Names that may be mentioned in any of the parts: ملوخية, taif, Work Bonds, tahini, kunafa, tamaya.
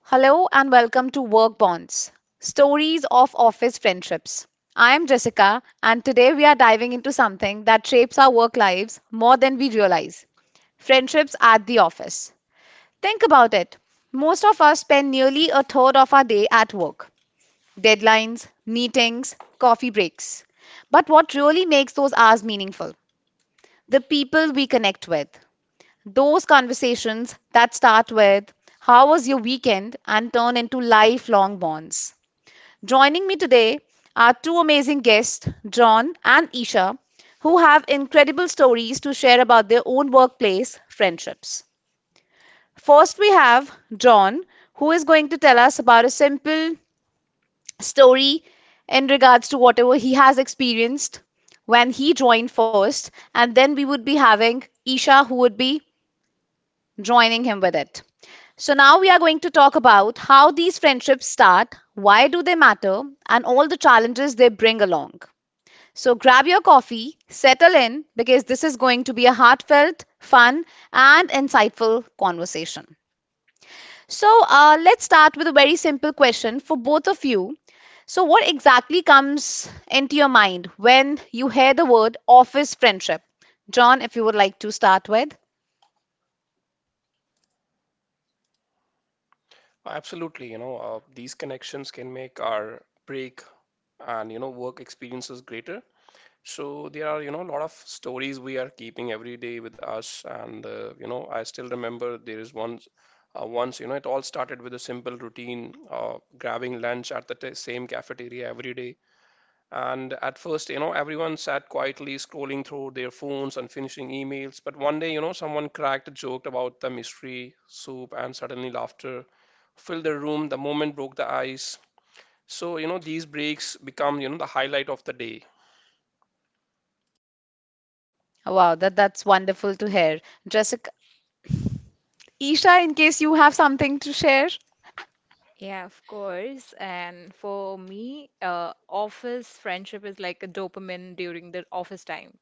Hello and welcome to Work Bonds, stories of office friendships. I am Jessica, and today we are diving into something that shapes our work lives more than we realize, friendships at the office. Think about it. Most of us spend nearly a third of our day at work, deadlines, meetings, coffee breaks. But what really makes those hours meaningful? The people we connect with, those conversations that start with, "How was your weekend?" and turn into lifelong bonds. Joining me today are two amazing guests, John and Isha, who have incredible stories to share about their own workplace friendships. First, we have John, who is going to tell us about a simple story in regards to whatever he has experienced when he joined first, and then we would be having Isha, who would be joining him with it. So now we are going to talk about how these friendships start, why do they matter, and all the challenges they bring along. So grab your coffee, settle in because this is going to be a heartfelt, fun, and insightful conversation. So let's start with a very simple question for both of you. So what exactly comes into your mind when you hear the word office friendship? John, if you would like to start with. Absolutely, these connections can make our break and work experiences greater. So there are a lot of stories we are keeping every day with us, and I still remember there is once it all started with a simple routine, grabbing lunch at the t same cafeteria every day. And at first, everyone sat quietly scrolling through their phones and finishing emails. But one day, someone cracked a joke about the mystery soup, and suddenly laughter fill the room the moment broke the ice. So, these breaks become, the highlight of the day. Wow, that's wonderful to hear. Jessica, Isha, in case you have something to share. Yeah, of course. And for me, office friendship is like a dopamine during the office time.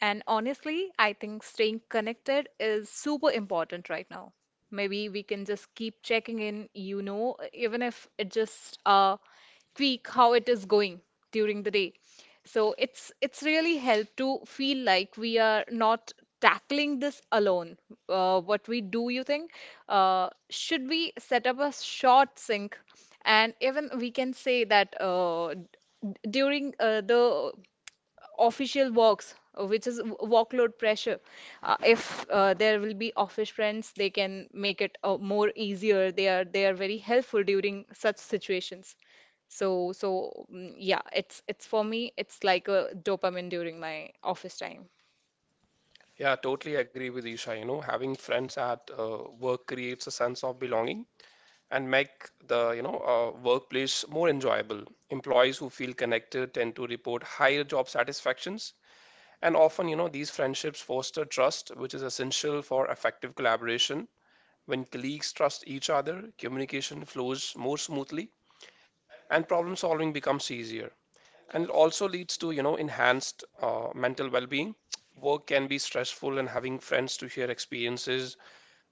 And honestly, I think staying connected is super important right now. Maybe we can just keep checking in, you know, even if it just tweak how it is going during the day. So it's really helped to feel like we are not tackling this alone. What we do, you think? Should we set up a short sync? And even we can say that during the official works, which is workload pressure. If there will be office friends, they can make it more easier. They are very helpful during such situations. So so mm, yeah, it's for me, it's like a dopamine during my office time. Yeah, totally agree with Isha. You know, having friends at work creates a sense of belonging and make the, workplace more enjoyable. Employees who feel connected tend to report higher job satisfactions. And often, these friendships foster trust, which is essential for effective collaboration. When colleagues trust each other, communication flows more smoothly and problem solving becomes easier. And it also leads to, enhanced mental well-being. Work can be stressful, and having friends to share experiences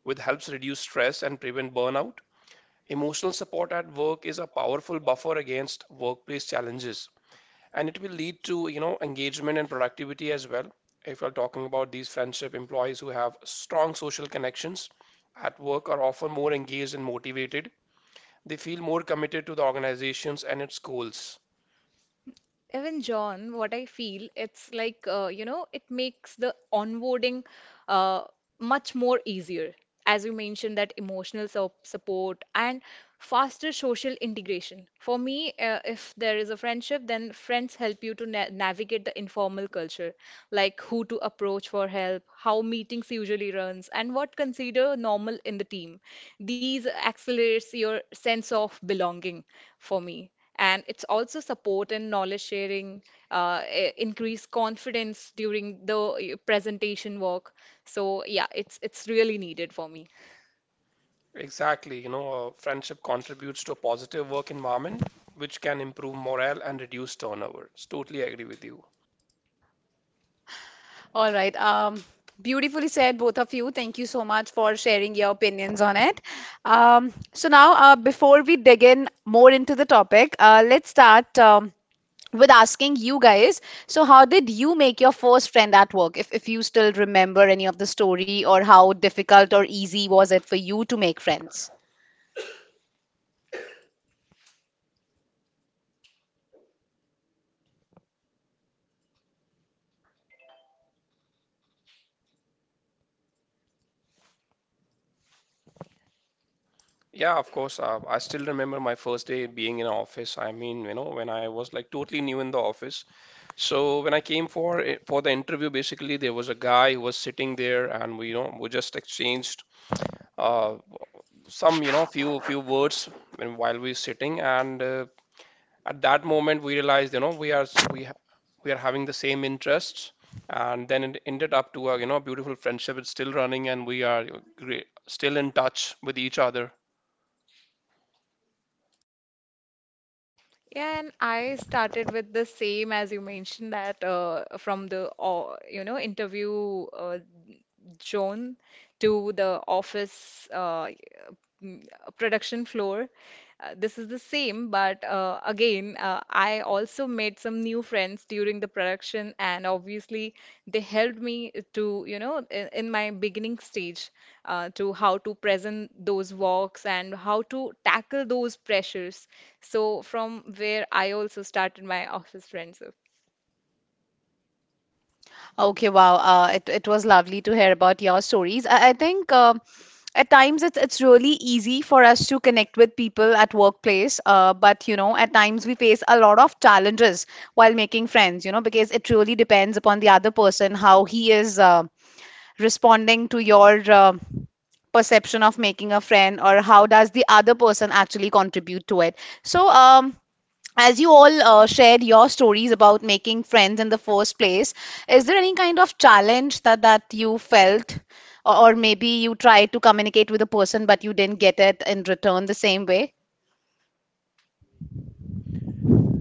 with helps reduce stress and prevent burnout. Emotional support at work is a powerful buffer against workplace challenges, and it will lead to, engagement and productivity as well. If you're talking about these friendship employees who have strong social connections at work are often more engaged and motivated. They feel more committed to the organizations and its goals. Even John, what I feel, it's like, you know, it makes the onboarding uh, much more easier. As you mentioned, that emotional so support and faster social integration. For me, if there is a friendship, then friends help you to na navigate the informal culture, like who to approach for help, how meetings usually runs, and what consider normal in the team. These accelerates your sense of belonging for me, and it's also support and knowledge sharing, increase confidence during the presentation work. So yeah, it's really needed for me. Exactly, friendship contributes to a positive work environment, which can improve morale and reduce turnover. So totally agree with you. All right. Beautifully said, both of you. Thank you so much for sharing your opinions on it. So now, before we dig in more into the topic, let's start with asking you guys. So, how did you make your first friend at work? If you still remember any of the story, or how difficult or easy was it for you to make friends? Yeah, of course. I still remember my first day being in office. I mean, when I was like totally new in the office. So when I came for the interview, basically there was a guy who was sitting there, and we, we just exchanged uh, some, few words when, while we were sitting, and at that moment we realized we are we are having the same interests, and then it ended up to a beautiful friendship. It's still running and we are great, still in touch with each other. Yeah, and I started with the same as you mentioned, that from the you know, interview, John, to the office, mm, production floor. This is the same, but again, I also made some new friends during the production, and obviously, they helped me to, you know, in my beginning stage, to how to present those walks and how to tackle those pressures. So, from where I also started my office friendship. Okay, wow. It was lovely to hear about your stories. I think at times it's really easy for us to connect with people at workplace. But you know, at times we face a lot of challenges while making friends. You know, because it really depends upon the other person how he is responding to your perception of making a friend or how does the other person actually contribute to it. So, as you all shared your stories about making friends in the first place, is there any kind of challenge that you felt, or maybe you tried to communicate with a person but you didn't get it in return the same way?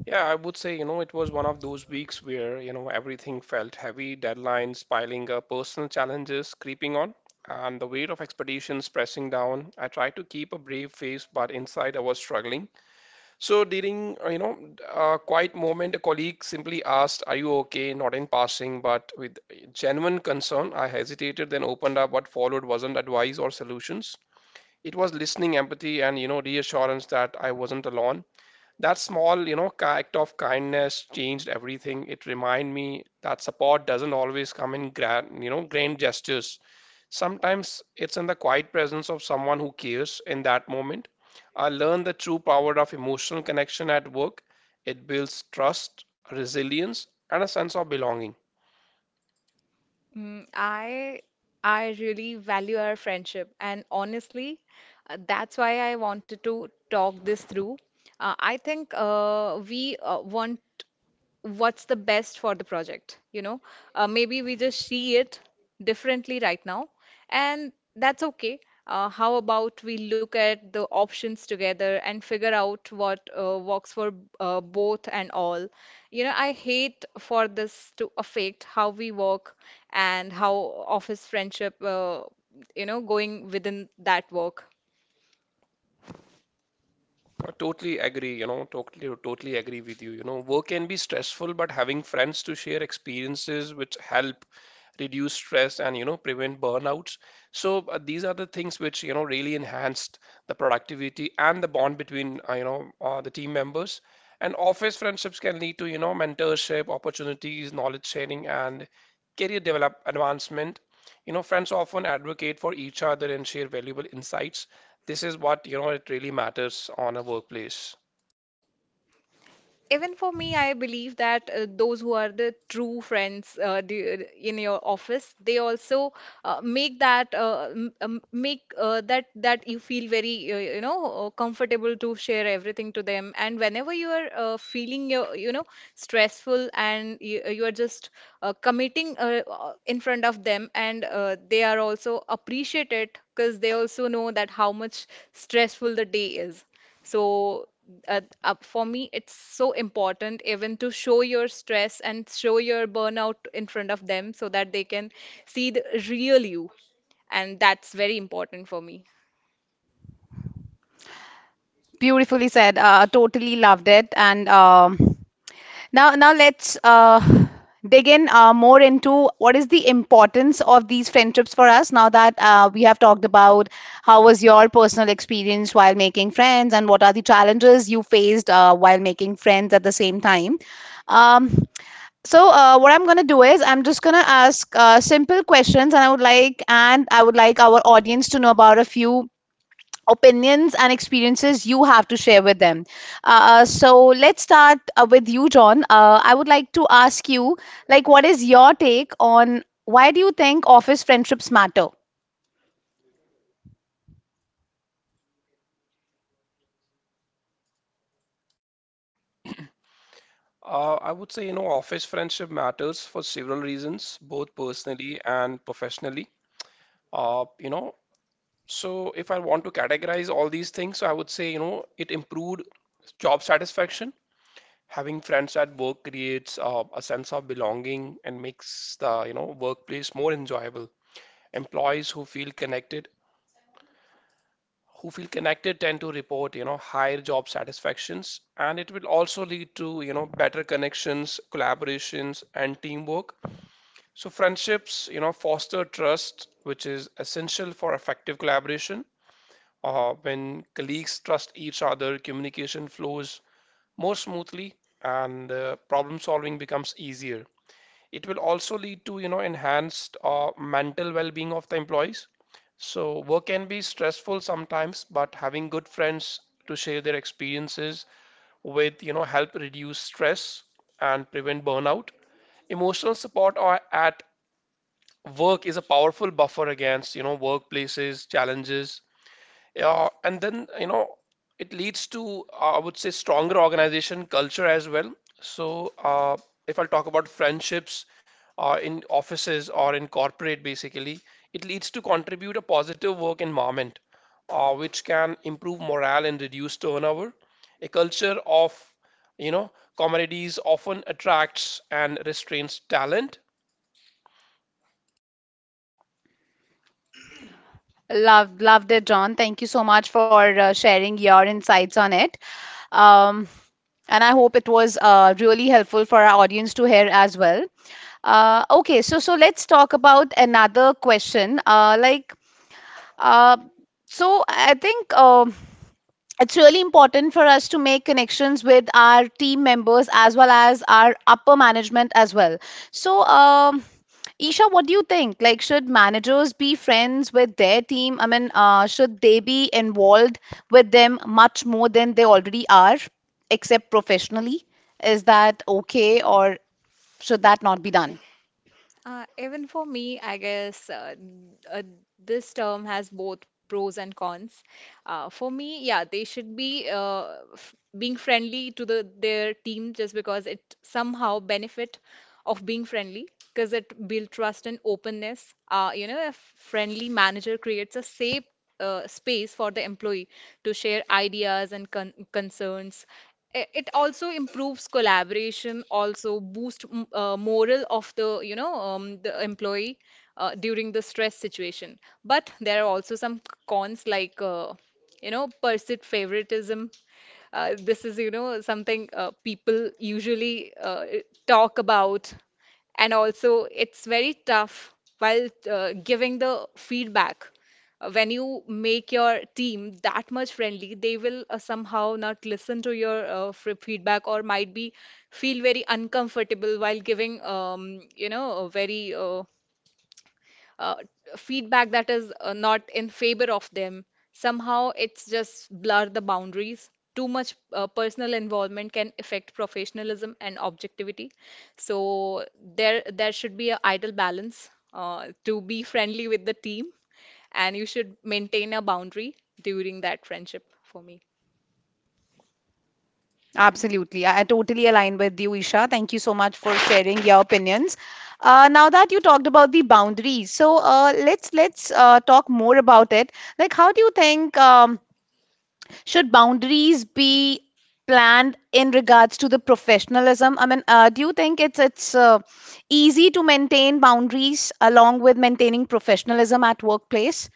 Yeah, I would say it was one of those weeks where everything felt heavy, deadlines piling up, personal challenges creeping on, and the weight of expectations pressing down. I tried to keep a brave face, but inside I was struggling. So during, a quiet moment, a colleague simply asked, "Are you okay?" Not in passing, but with genuine concern. I hesitated, then opened up. What followed wasn't advice or solutions. It was listening, empathy, and reassurance that I wasn't alone, that small, act of kindness changed everything. It reminded me that support doesn't always come in grand, grand gestures. Sometimes it's in the quiet presence of someone who cares in that moment. I learned the true power of emotional connection at work. It builds trust, resilience, and a sense of belonging. Mm, I really value our friendship, and honestly, that's why I wanted to talk this through. I think we want what's the best for the project, you know? Maybe we just see it differently right now. And that's okay. How about we look at the options together and figure out what works for both and all? You know, I hate for this to affect how we work and how office friendship, you know, going within that work. I totally agree, totally agree with you. You know, work can be stressful, but having friends to share experiences which help reduce stress and, prevent burnouts. So these are the things which, really enhanced the productivity and the bond between, the team members. And office friendships can lead to, mentorship, opportunities, knowledge sharing, and career develop advancement. You know, friends often advocate for each other and share valuable insights. This is what, it really matters on a workplace. Even for me, I believe that those who are the true friends in your office, they also make that you feel very you know, comfortable to share everything to them. And whenever you are feeling your, you know, stressful and you are just committing, in front of them, and they are also appreciated because they also know that how much stressful the day is. So, for me, it's so important even to show your stress and show your burnout in front of them so that they can see the real you. And that's very important for me. Beautifully said. Totally loved it, and now, now let's dig in more into what is the importance of these friendships for us. Now that we have talked about how was your personal experience while making friends and what are the challenges you faced while making friends at the same time. Um, what I'm gonna do is I'm just gonna ask simple questions, and I would like our audience to know about a few opinions and experiences you have to share with them. So let's start with you, John. I would like to ask you, like, what is your take on why do you think office friendships matter? I would say, office friendship matters for several reasons, both personally and professionally. Uh, you know, so if I want to categorize all these things, so I would say, it improved job satisfaction. Having friends at work creates a sense of belonging and makes the, workplace more enjoyable. Employees who feel connected tend to report, higher job satisfactions, and it will also lead to, better connections, collaborations, and teamwork. So friendships, foster trust, which is essential for effective collaboration. When colleagues trust each other, communication flows more smoothly, and problem solving becomes easier. It will also lead to, enhanced mental well-being of the employees. So work can be stressful sometimes, but having good friends to share their experiences with, help reduce stress and prevent burnout. Emotional support or at work is a powerful buffer against, workplaces challenges. Yeah, and then, it leads to, I would say, stronger organization culture as well. So, if I'll talk about friendships in offices or in corporate, basically, it leads to contribute a positive work environment, which can improve morale and reduce turnover. A culture of, you know, communities often attracts and restrains talent. Loved, loved it, John. Thank you so much for sharing your insights on it. Um, and I hope it was really helpful for our audience to hear as well. Okay, so let's talk about another question. Uh, so I think, it's really important for us to make connections with our team members as well as our upper management as well. So, Isha, what do you think? Like, should managers be friends with their team? I mean, should they be involved with them much more than they already are, except professionally? Is that okay, or should that not be done? Even for me, I guess, this term has both pros and cons. For me, yeah, they should be f being friendly to the their team, just because it somehow benefit of being friendly, because it build trust and openness. You know, a friendly manager creates a safe space for the employee to share ideas and concerns. I- It also improves collaboration, also boost morale of the, you know, the employee during the stress situation. But there are also some cons, like you know, perceived favoritism. This is, you know, something people usually talk about. And also, it's very tough while giving the feedback. When you make your team that much friendly, they will somehow not listen to your f feedback, or might be feel very uncomfortable while giving, you know, a very uh, feedback that is not in favor of them. Somehow it's just blur the boundaries. Too much personal involvement can affect professionalism and objectivity. So there should be a ideal balance to be friendly with the team, and you should maintain a boundary during that friendship for me. Absolutely. I totally align with you, Isha. Thank you so much for sharing your opinions. Now that you talked about the boundaries, so let's talk more about it. Like, how do you think should boundaries be planned in regards to the professionalism? I mean, do you think it's easy to maintain boundaries along with maintaining professionalism at workplace?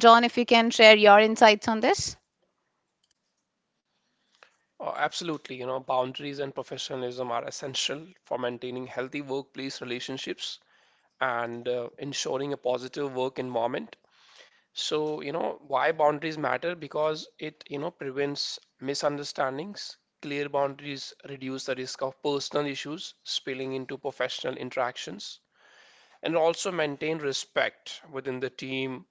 John, if you can share your insights on this. Absolutely, boundaries and professionalism are essential for maintaining healthy workplace relationships and ensuring a positive work environment. So, why boundaries matter? Because it, prevents misunderstandings. Clear boundaries reduce the risk of personal issues spilling into professional interactions and also maintain respect within the team.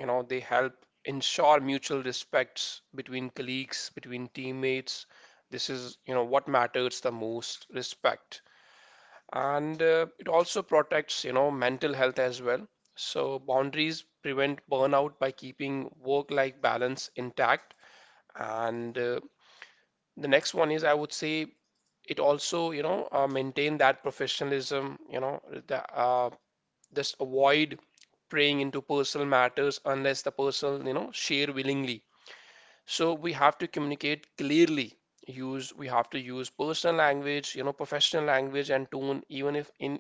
You know, they help ensure mutual respects between colleagues, between teammates. This is, what matters the most, respect, and it also protects mental health as well. So boundaries prevent burnout by keeping work-life balance intact, and the next one is I would say it also maintain that professionalism. The, uh, just avoid preying into personal matters unless the person share willingly. So we have to communicate clearly. Use We have to use personal language, professional language and tone even if in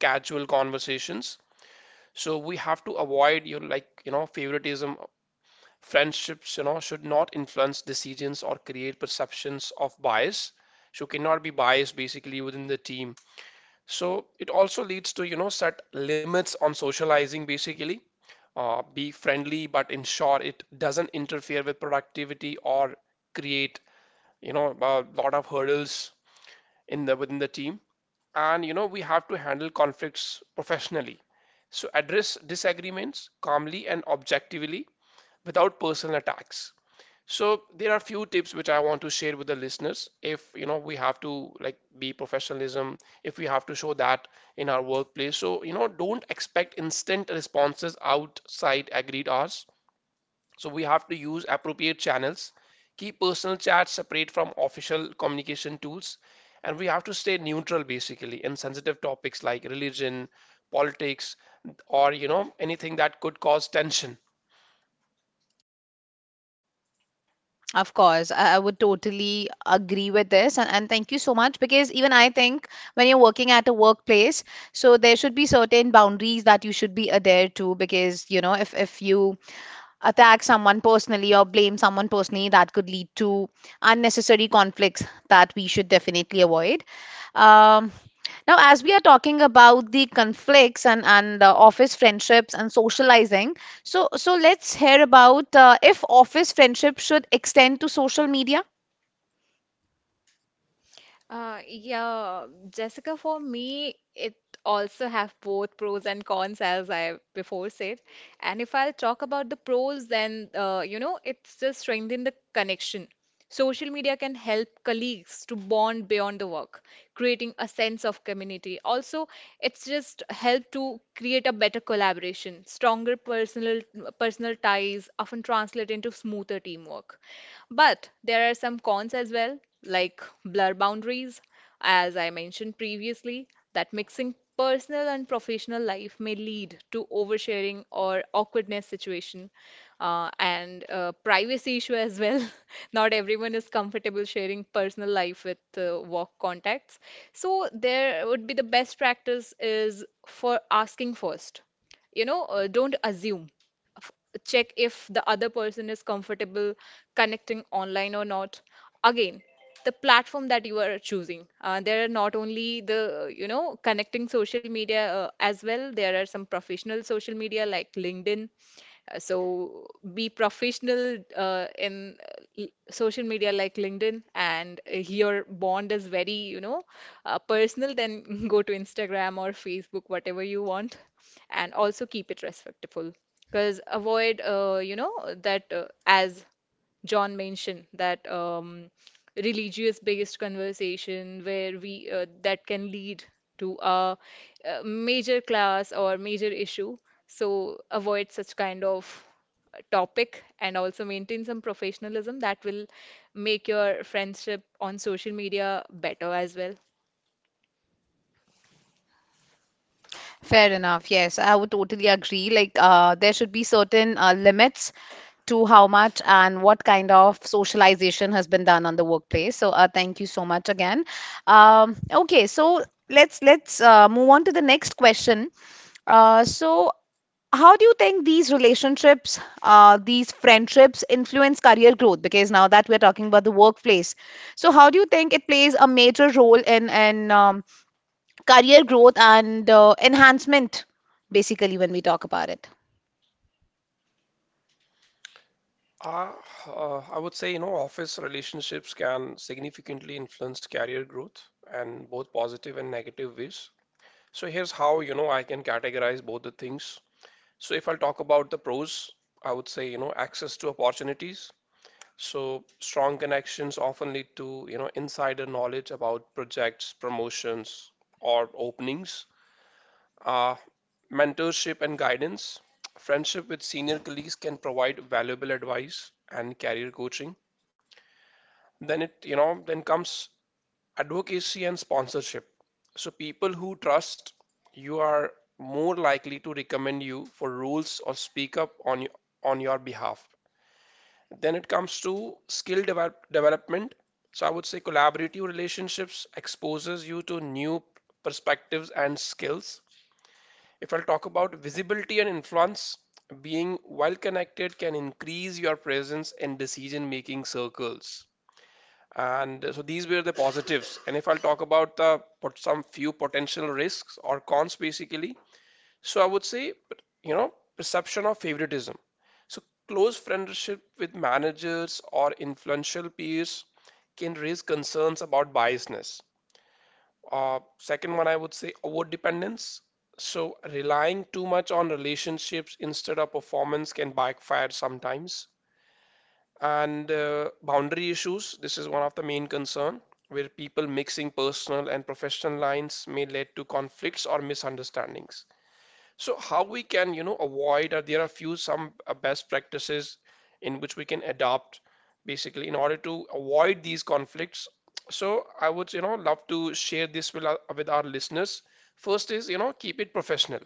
casual conversations. So we have to avoid your like, favoritism. Friendships, should not influence decisions or create perceptions of bias. So cannot be biased basically within the team. So it also leads to, set limits on socializing basically. Be friendly, but ensure it doesn't interfere with productivity or create, a lot of hurdles in the within the team, and we have to handle conflicts professionally. So address disagreements calmly and objectively without personal attacks. So there are few tips which I want to share with the listeners. If we have to like be professionalism, if we have to show that in our workplace. So don't expect instant responses outside agreed hours. So we have to use appropriate channels, keep personal chats separate from official communication tools, and we have to stay neutral basically in sensitive topics like religion, politics, or anything that could cause tension. Of course, I would totally agree with this, and thank you so much because even I think when you're working at a workplace, so there should be certain boundaries that you should be adhere to because you know if you attack someone personally or blame someone personally, that could lead to unnecessary conflicts that we should definitely avoid. Um, Now, as we are talking about the conflicts and office friendships and socializing, so let's hear about if office friendship should extend to social media. Yeah, Jessica, for me, it also have both pros and cons, as I before said. And if I'll talk about the pros, then you know, it's just strengthen the connection. Social media can help colleagues to bond beyond the work, creating a sense of community. Also, it's just help to create a better collaboration. Stronger personal ties often translate into smoother teamwork. But there are some cons as well, like blur boundaries, as I mentioned previously, that mixing personal and professional life may lead to oversharing or awkwardness situation, and privacy issue as well. Not everyone is comfortable sharing personal life with work contacts. So there would be the best practice is for asking first. You know, don't assume. F- Check if the other person is comfortable connecting online or not. Again, the platform that you are choosing. There are not only the, you know, connecting social media as well, there are some professional social media like LinkedIn. So be professional in social media like LinkedIn, and if your bond is very, you know, personal, then go to Instagram or Facebook, whatever you want, and also keep it respectful. Because avoid, you know, that as John mentioned that, religious-based conversation where we that can lead to a, major class or major issue. So avoid such kind of topic, and also maintain some professionalism that will make your friendship on social media better as well. Fair enough. Yes, I would totally agree. Like, there should be certain limits to how much and what kind of socialization has been done on the workplace. So, thank you so much again. Um, okay, so let's move on to the next question. So, how do you think these relationships, these friendships influence career growth? Because now that we're talking about the workplace, so how do you think it plays a major role in career growth and enhancement, basically, when we talk about it. Uh, I would say, office relationships can significantly influence career growth and both positive and negative ways. So here's how, I can categorize both the things. So if I'll talk about the pros, I would say, access to opportunities. So strong connections often lead to, insider knowledge about projects, promotions, or openings. Uh, mentorship and guidance. Friendship with senior colleagues can provide valuable advice and career coaching. Then it, then comes advocacy and sponsorship. So people who trust you are more likely to recommend you for roles or speak up on your behalf. Then it comes to skill development. So I would say collaborative relationships exposes you to new perspectives and skills. If I'll talk about visibility and influence, being well connected can increase your presence in decision making circles. And so these were the positives. And if I'll talk about the some few potential risks or cons basically, so I would say, perception of favoritism. So close friendship with managers or influential peers can raise concerns about biasness. Second one, I would say over dependence. So relying too much on relationships instead of performance can backfire sometimes. And boundary issues, this is one of the main concern, where people mixing personal and professional lines may lead to conflicts or misunderstandings. So how we can, avoid, or there are few some best practices in which we can adopt basically in order to avoid these conflicts. So I would, love to share this with with our listeners. First is, keep it professional.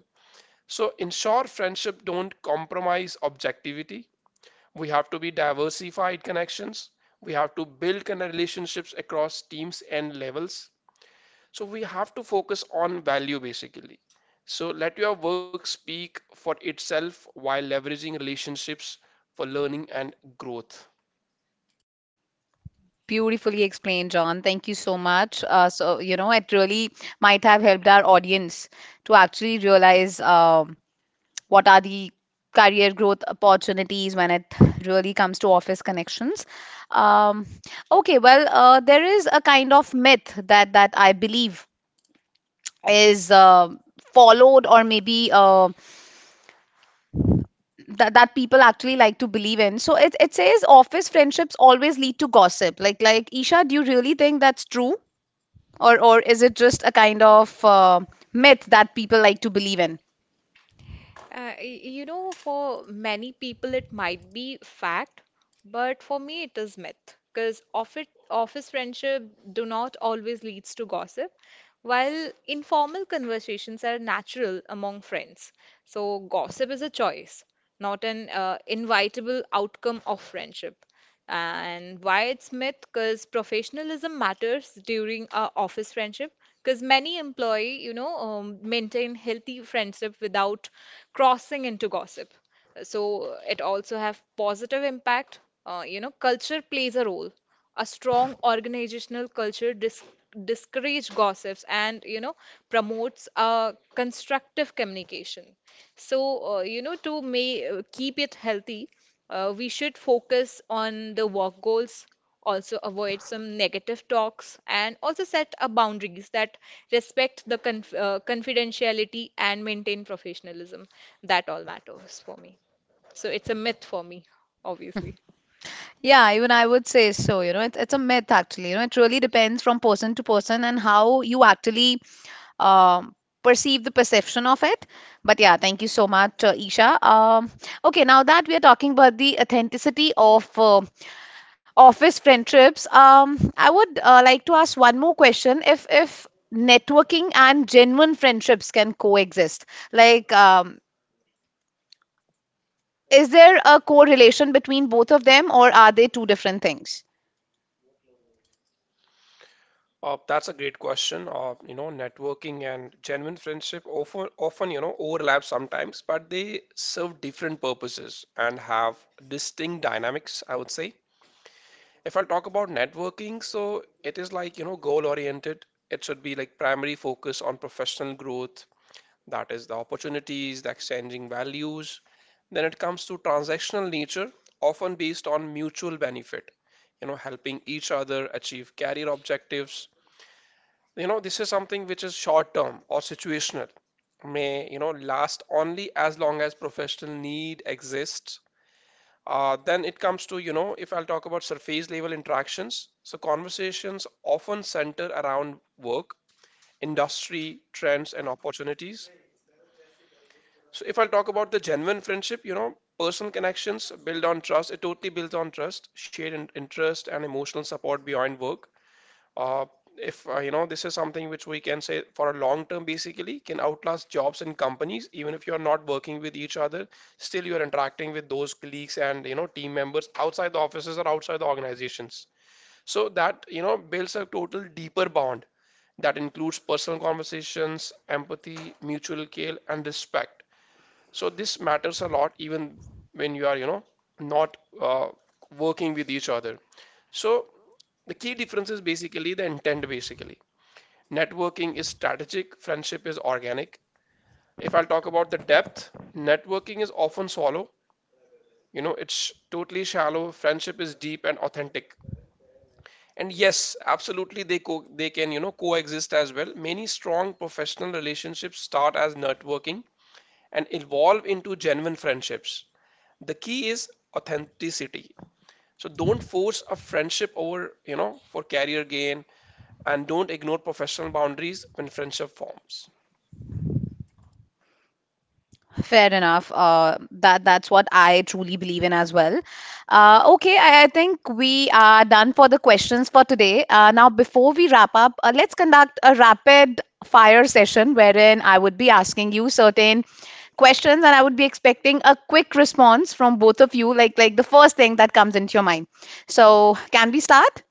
So ensure friendship don't compromise objectivity. We have to be diversified connections. We have to build kind of relationships across teams and levels, so we have to focus on value basically. So let your work speak for itself while leveraging relationships for learning and growth. Beautifully explained, John. Thank you so much. So, you know, it really might have helped our audience to actually realize what are the career growth opportunities when it really comes to office connections. Um, okay, well, there is a kind of myth that I believe is followed or maybe that people actually like to believe in. So it says office friendships always lead to gossip. Like Isha, do you really think that's true? Or is it just a kind of myth that people like to believe in? You know, for many people it might be fact, but for me it is myth, because office friendship do not always leads to gossip, while informal conversations are natural among friends. So gossip is a choice, not an inevitable outcome of friendship. And why it's myth? Because professionalism matters during our office friendship. Because many employee, you know, maintain healthy friendship without crossing into gossip. So it also have positive impact. You know, culture plays a role. A strong organizational culture discourages gossips and you know promotes constructive communication. So you know, to may keep it healthy, we should focus on the work goals, also avoid some negative talks, and also set a boundaries that respect the confidentiality and maintain professionalism. That all matters for me. So it's a myth for me, obviously. Yeah, even I would say so. You know, it's a myth actually. You know, it really depends from person to person and how you actually um, perceive the perception of it. But yeah, thank you so much, Isha. Okay, now that we are talking about the authenticity of office friendships, I would like to ask one more question. If networking and genuine friendships can coexist, like, um, is there a correlation between both of them, or are they two different things? That's a great question. Networking and genuine friendship often, overlap sometimes, but they serve different purposes and have distinct dynamics, I would say. If I talk about networking, so it is like, goal oriented. It should be like primary focus on professional growth, that is the opportunities, the exchanging values. Then it comes to transactional nature, often based on mutual benefit, helping each other achieve career objectives. You know, this is something which is short term or situational, may, last only as long as professional need exists. Then it comes to, if I'll talk about surface level interactions, so conversations often center around work, industry, trends, and opportunities. So if I'll talk about the genuine friendship, personal connections build on trust. It totally builds on trust, shared interest, and emotional support beyond work. Uh, if you know, this is something which we can say for a long term, basically, can outlast jobs and companies. Even if you are not working with each other, still you are interacting with those colleagues and team members outside the offices or outside the organizations. So that builds a total deeper bond that includes personal conversations, empathy, mutual care, and respect. So this matters a lot even when you are, you know, not working with each other. So the key difference is basically the intent basically. Networking is strategic, friendship is organic. If I'll talk about the depth, networking is often shallow. You know, it's totally shallow. Friendship is deep and authentic. And yes, absolutely they can, coexist as well. Many strong professional relationships start as networking and evolve into genuine friendships. The key is authenticity. So don't force a friendship over, for career gain, and don't ignore professional boundaries when friendship forms. Fair enough. That that's what I truly believe in as well. Okay, I think we are done for the questions for today. Now, before we wrap up, let's conduct a rapid fire session wherein I would be asking you certain questions and I would be expecting a quick response from both of you, like the first thing that comes into your mind. So, can we start?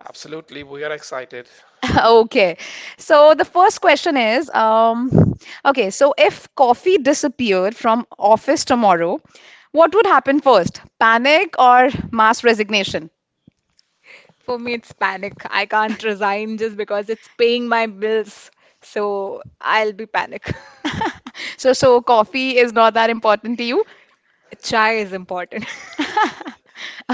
Absolutely, we are excited. Okay. So the first question is, okay, so if coffee disappeared from office tomorrow, what would happen first? Panic or mass resignation? For me, it's panic. I can't resign just because it's paying my bills. So I'll be panic. So, coffee is not that important to you? Chai is important.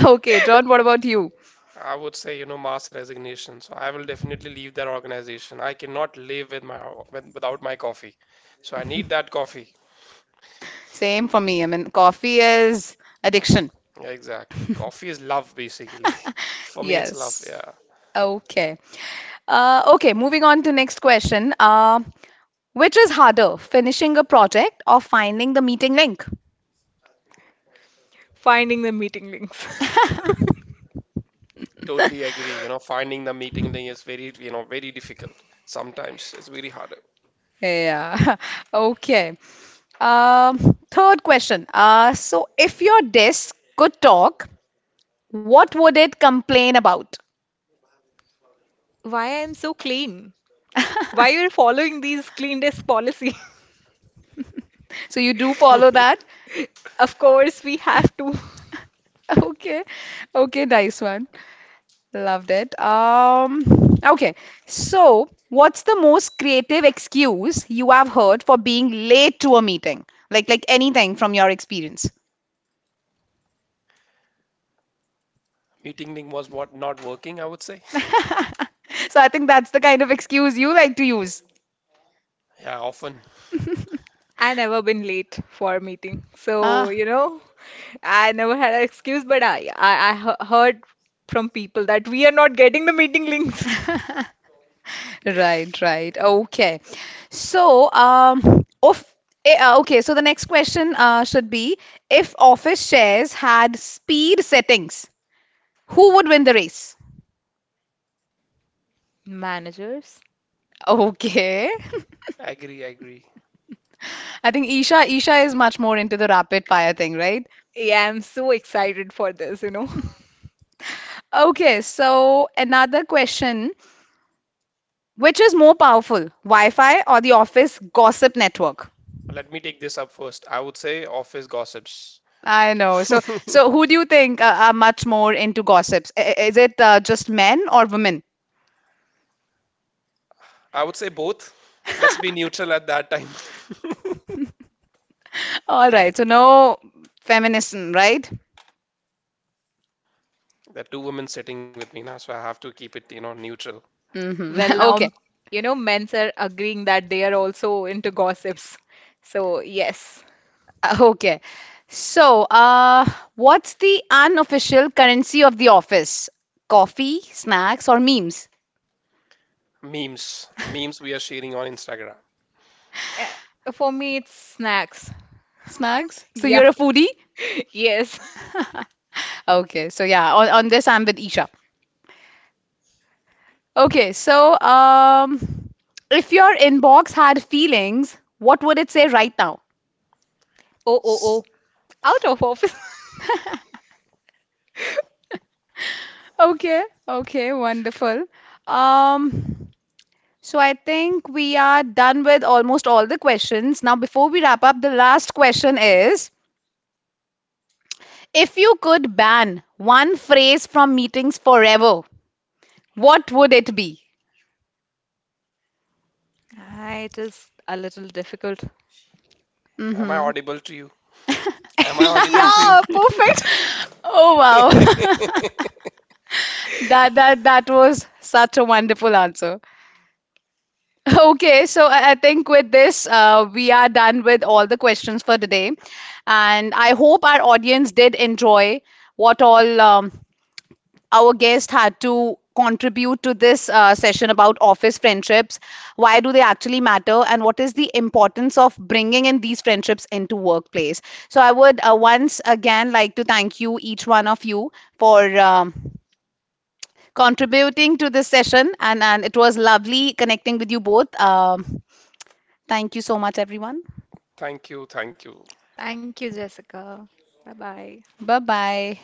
Okay, John, what about you? I would say, mass resignation. So I will definitely leave that organization. I cannot live with without my coffee. So I need that coffee. Same for me. I mean, coffee is addiction. Yeah, exactly. Coffee is love, basically. For me, it's love. Yes. Yeah. Okay. Okay, moving on to next question. Which is harder, finishing a project or finding the meeting link? Finding the meeting links. Totally agree. You know, finding the meeting link is very, very difficult. Sometimes it's very hard. Yeah, okay. Um, Third question. So if your desk could talk, what would it complain about? Why I'm so clean? Why you're following these clean desk policy? So you do follow that? Of course, we have to. Okay, okay, nice one. Loved it. Okay, so what's the most creative excuse you have heard for being late to a meeting? Like anything from your experience? Meeting link was what not working, I would say. So I think that's the kind of excuse you like to use. Yeah, often. I never been late for a meeting. So, Ah. you know, I never had an excuse, but I heard from people that we are not getting the meeting links. Right, right. Okay. So, okay, so the next question should be if office shares had speed settings, who would win the race? Managers. Okay. I agree, I agree. I think Isha is much more into the rapid fire thing, right? Yeah, I'm so excited for this, you know. Okay, so another question, which is more powerful, Wi-Fi or the office gossip network? Let me take this up first. I would say office gossips. I know. So, who do you think are much more into gossips? Is it just men or women? I would say both. Let's be neutral at that time. All right. So no feminism, right? There are two women sitting with me now, so I have to keep it, neutral. Well, now, Okay. you know, men are agreeing that they are also into gossips. So, yes. Okay. So, what's the unofficial currency of the office? Coffee, snacks, or memes? Memes. Memes we are sharing on Instagram. For me, it's snacks. Snacks? So Yeah, you're a foodie? yes. Okay. So yeah, on this I'm with Isha. Okay. So, if your inbox had feelings, what would it say right now? Oh, oh, S- oh. Out of office. Okay, okay, wonderful. Um, so I think we are done with almost all the questions. Now, before we wrap up, the last question is, if you could ban one phrase from meetings forever, what would it be? Ah, it is a little difficult. Am I Mm-hmm. audible to you? Am I audible Yeah, to perfect. Oh you? wow. That that was such a wonderful answer. Okay, so I think with this, we are done with all the questions for today, and I hope our audience did enjoy what all our guest had to contribute to this session about office friendships. Why do they actually matter, and what is the importance of bringing in these friendships into workplace? So I would once again like to thank you, each one of you, for contributing to this session, and it was lovely connecting with you both. Thank you so much, everyone. Thank you, thank you. Thank you, Jessica. Bye bye. Bye bye.